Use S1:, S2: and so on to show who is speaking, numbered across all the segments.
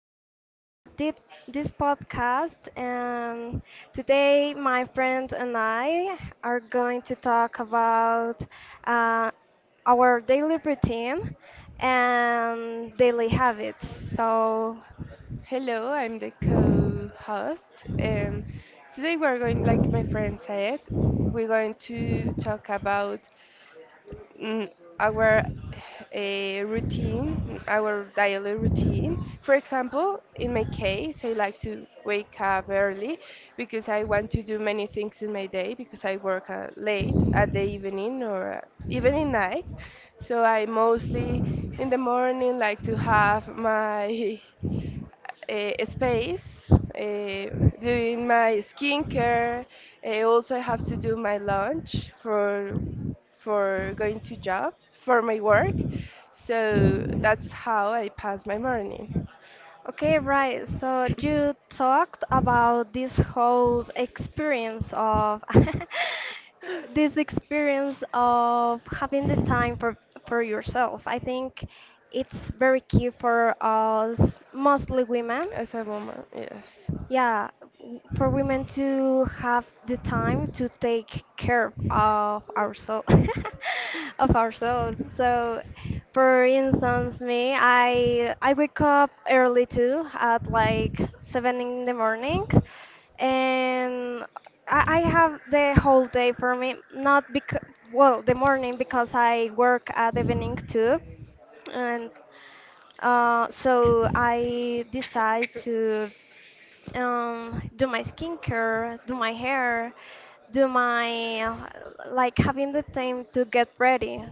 S1: here at this podcast, and today my friend and I are going to talk about uh, our daily routine and daily habits. So,
S2: Hello, I'm the co-host. Um, Today we're going, like my friend said, we're going to talk about mm, our routine, our daily routine. For example, in my case, I like to wake up early because I want to do many things in my day because I work late at the evening or even in night. So I mostly in the morning like to have my space doing my skincare. I also have to do my lunch for going to job for my work. So that's how I pass my morning
S1: okay, right. So you talked about this whole experience of this experience of having the time for yourself. I think it's very key for us, mostly women,
S2: as a woman. Yes.
S1: yeah, for women to have the time to take care of ourselves, of ourselves. So, for instance, me, I wake up early too, at like seven in the morning, and I have the whole day for me. Not because, well, the morning, because I work at evening too, and so I decide to do my skincare, do my hair, do my like having the time to get ready,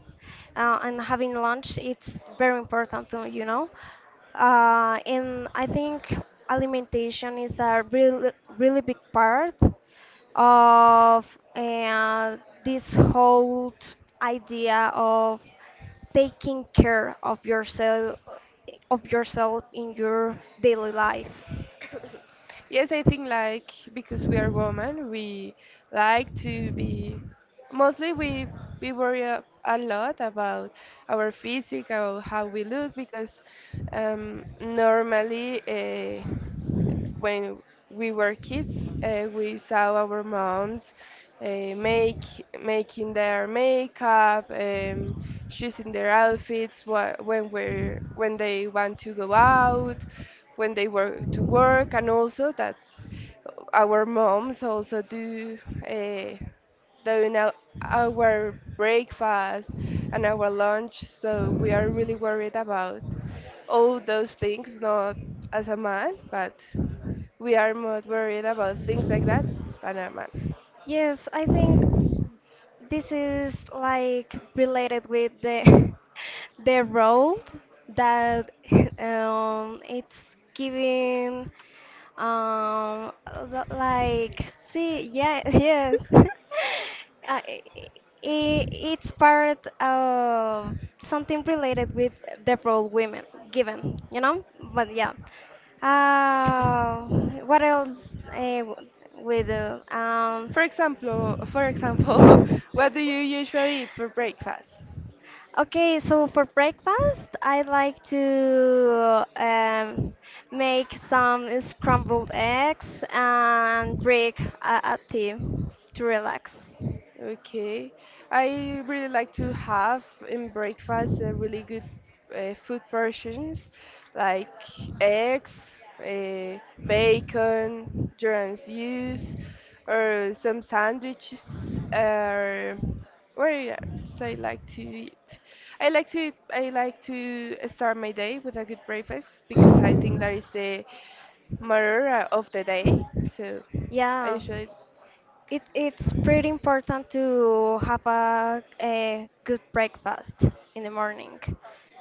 S1: and having lunch. It's very important to. And I think alimentation is a really really big part of uh, this whole idea of taking care of yourself in your daily life.
S2: Yes, I think like because we are women, we like to be mostly we worry a lot about our physique, about how we look because normally when we were kids, we saw our moms make making their makeup, choosing their outfits when they want to go out, when they were to work, and also that our moms also do uh, doing our breakfast and our lunch, so we are really worried about all those things. Not as a man, but we are more worried about things like that than a man.
S1: Yes, I think this is like related with the the role that it's giving like, see, yeah, yes, i it's part of something related with the role women given, you know. But yeah, uh, what else, we do
S2: For example, what do you usually eat for breakfast?
S1: okay, so for breakfast, I like to make some scrambled eggs and drink a tea to relax.
S2: Okay. I really like to have in breakfast a really good food portions like eggs, uh, bacon, germ juice, or some sandwiches, or what else I like to eat. I like to start my day with a good breakfast because I think that is the motor of the day. So I
S1: Yeah,
S2: usually,
S1: it's pretty important to have a good breakfast in the morning,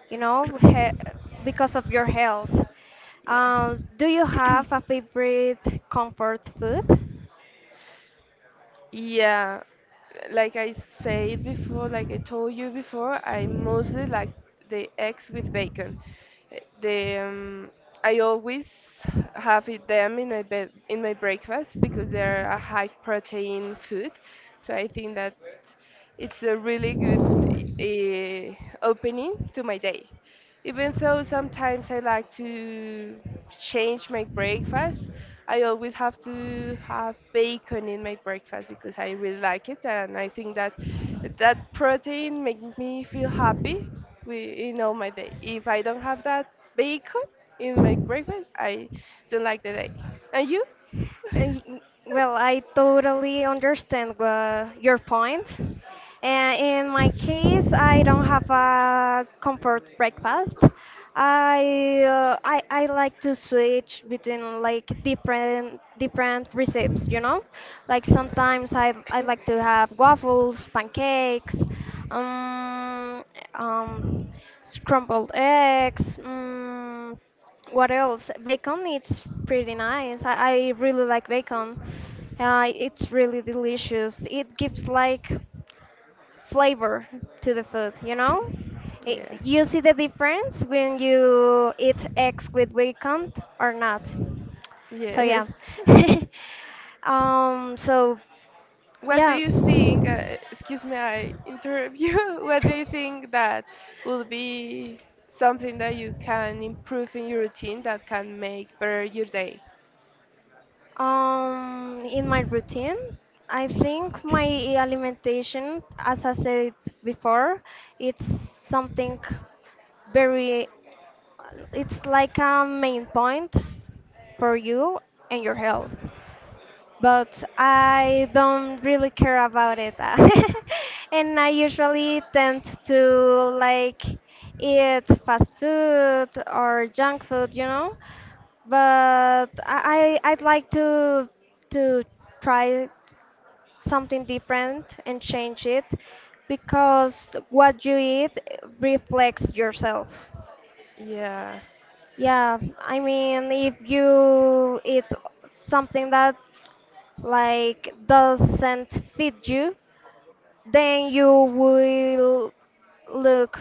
S1: you know, because of your health.
S2: yeah.
S1: Do you have a favorite comfort food?
S2: Yeah, like I said before, like I told you before, I mostly like the eggs with bacon. Eh, The I always have it them in my bed in my breakfast because they're a high protein food. So I think that it's a really good uh, opening to my day. Even though sometimes I like to change my breakfast, I always have to have bacon in my breakfast because I really like it, and I think that that protein makes me feel happy in all my day. If I don't have that bacon in my breakfast, I don't like the day. And you?
S1: I- Well, I totally understand your point. And in my case, I don't have a comfort breakfast. I, I like to switch between like different recipes, you know? Like sometimes I like to have waffles, pancakes, um, um, scrambled eggs, mm, what else? Bacon, it's pretty nice. I really like bacon. It's really delicious. It gives like flavor to the food, you know? It,
S2: Yeah.
S1: you see the difference when you eat eggs with bacon or not. So
S2: Yes.
S1: yeah. um, so
S2: What do
S1: yeah.
S2: you think? Excuse me, I interrupt you. What do you think that will be something that you can improve in your routine that can make better your day?
S1: In my routine, I think my alimentation, as I said before, it's something very, it's like a main point for you and your health, but I don't really care about it. And I usually tend to like eat fast food or junk food, you know. But I'd like to to try something different and change it, because what you eat reflects yourself.
S2: Yeah.
S1: Yeah, I mean, if you eat something that like doesn't fit you, then you will look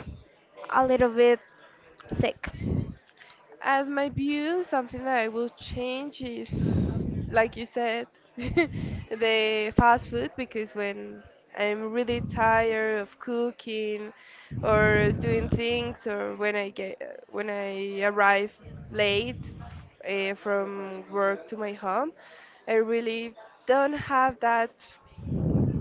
S1: a little bit sick.
S2: As my view, something that I will change is, like you said, the fast food because when I'm really tired of cooking or doing things, or when I get when I arrive late from work to my home, I really don't have that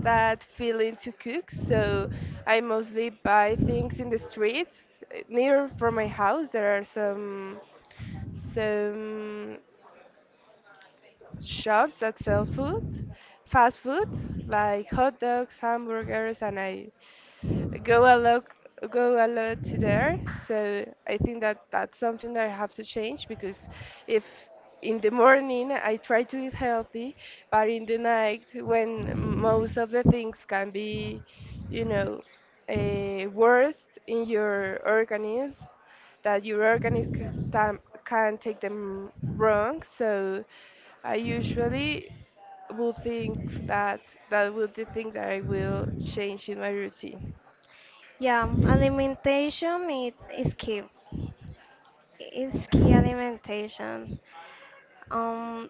S2: that feeling to cook, so I mostly buy things in the street. Near from my house, there are some shops that sell food, fast food, like hot dogs, hamburgers, and I go a lot go a lot to there so I think that that's something that I have to change because if in the morning I try to eat healthy but in the night when most of the things can be you know worst in your organism that your organism can take them wrong. So I usually will think that that will the thing that I will change in my routine.
S1: Yeah, alimentation it is key. It's key alimentation. Um,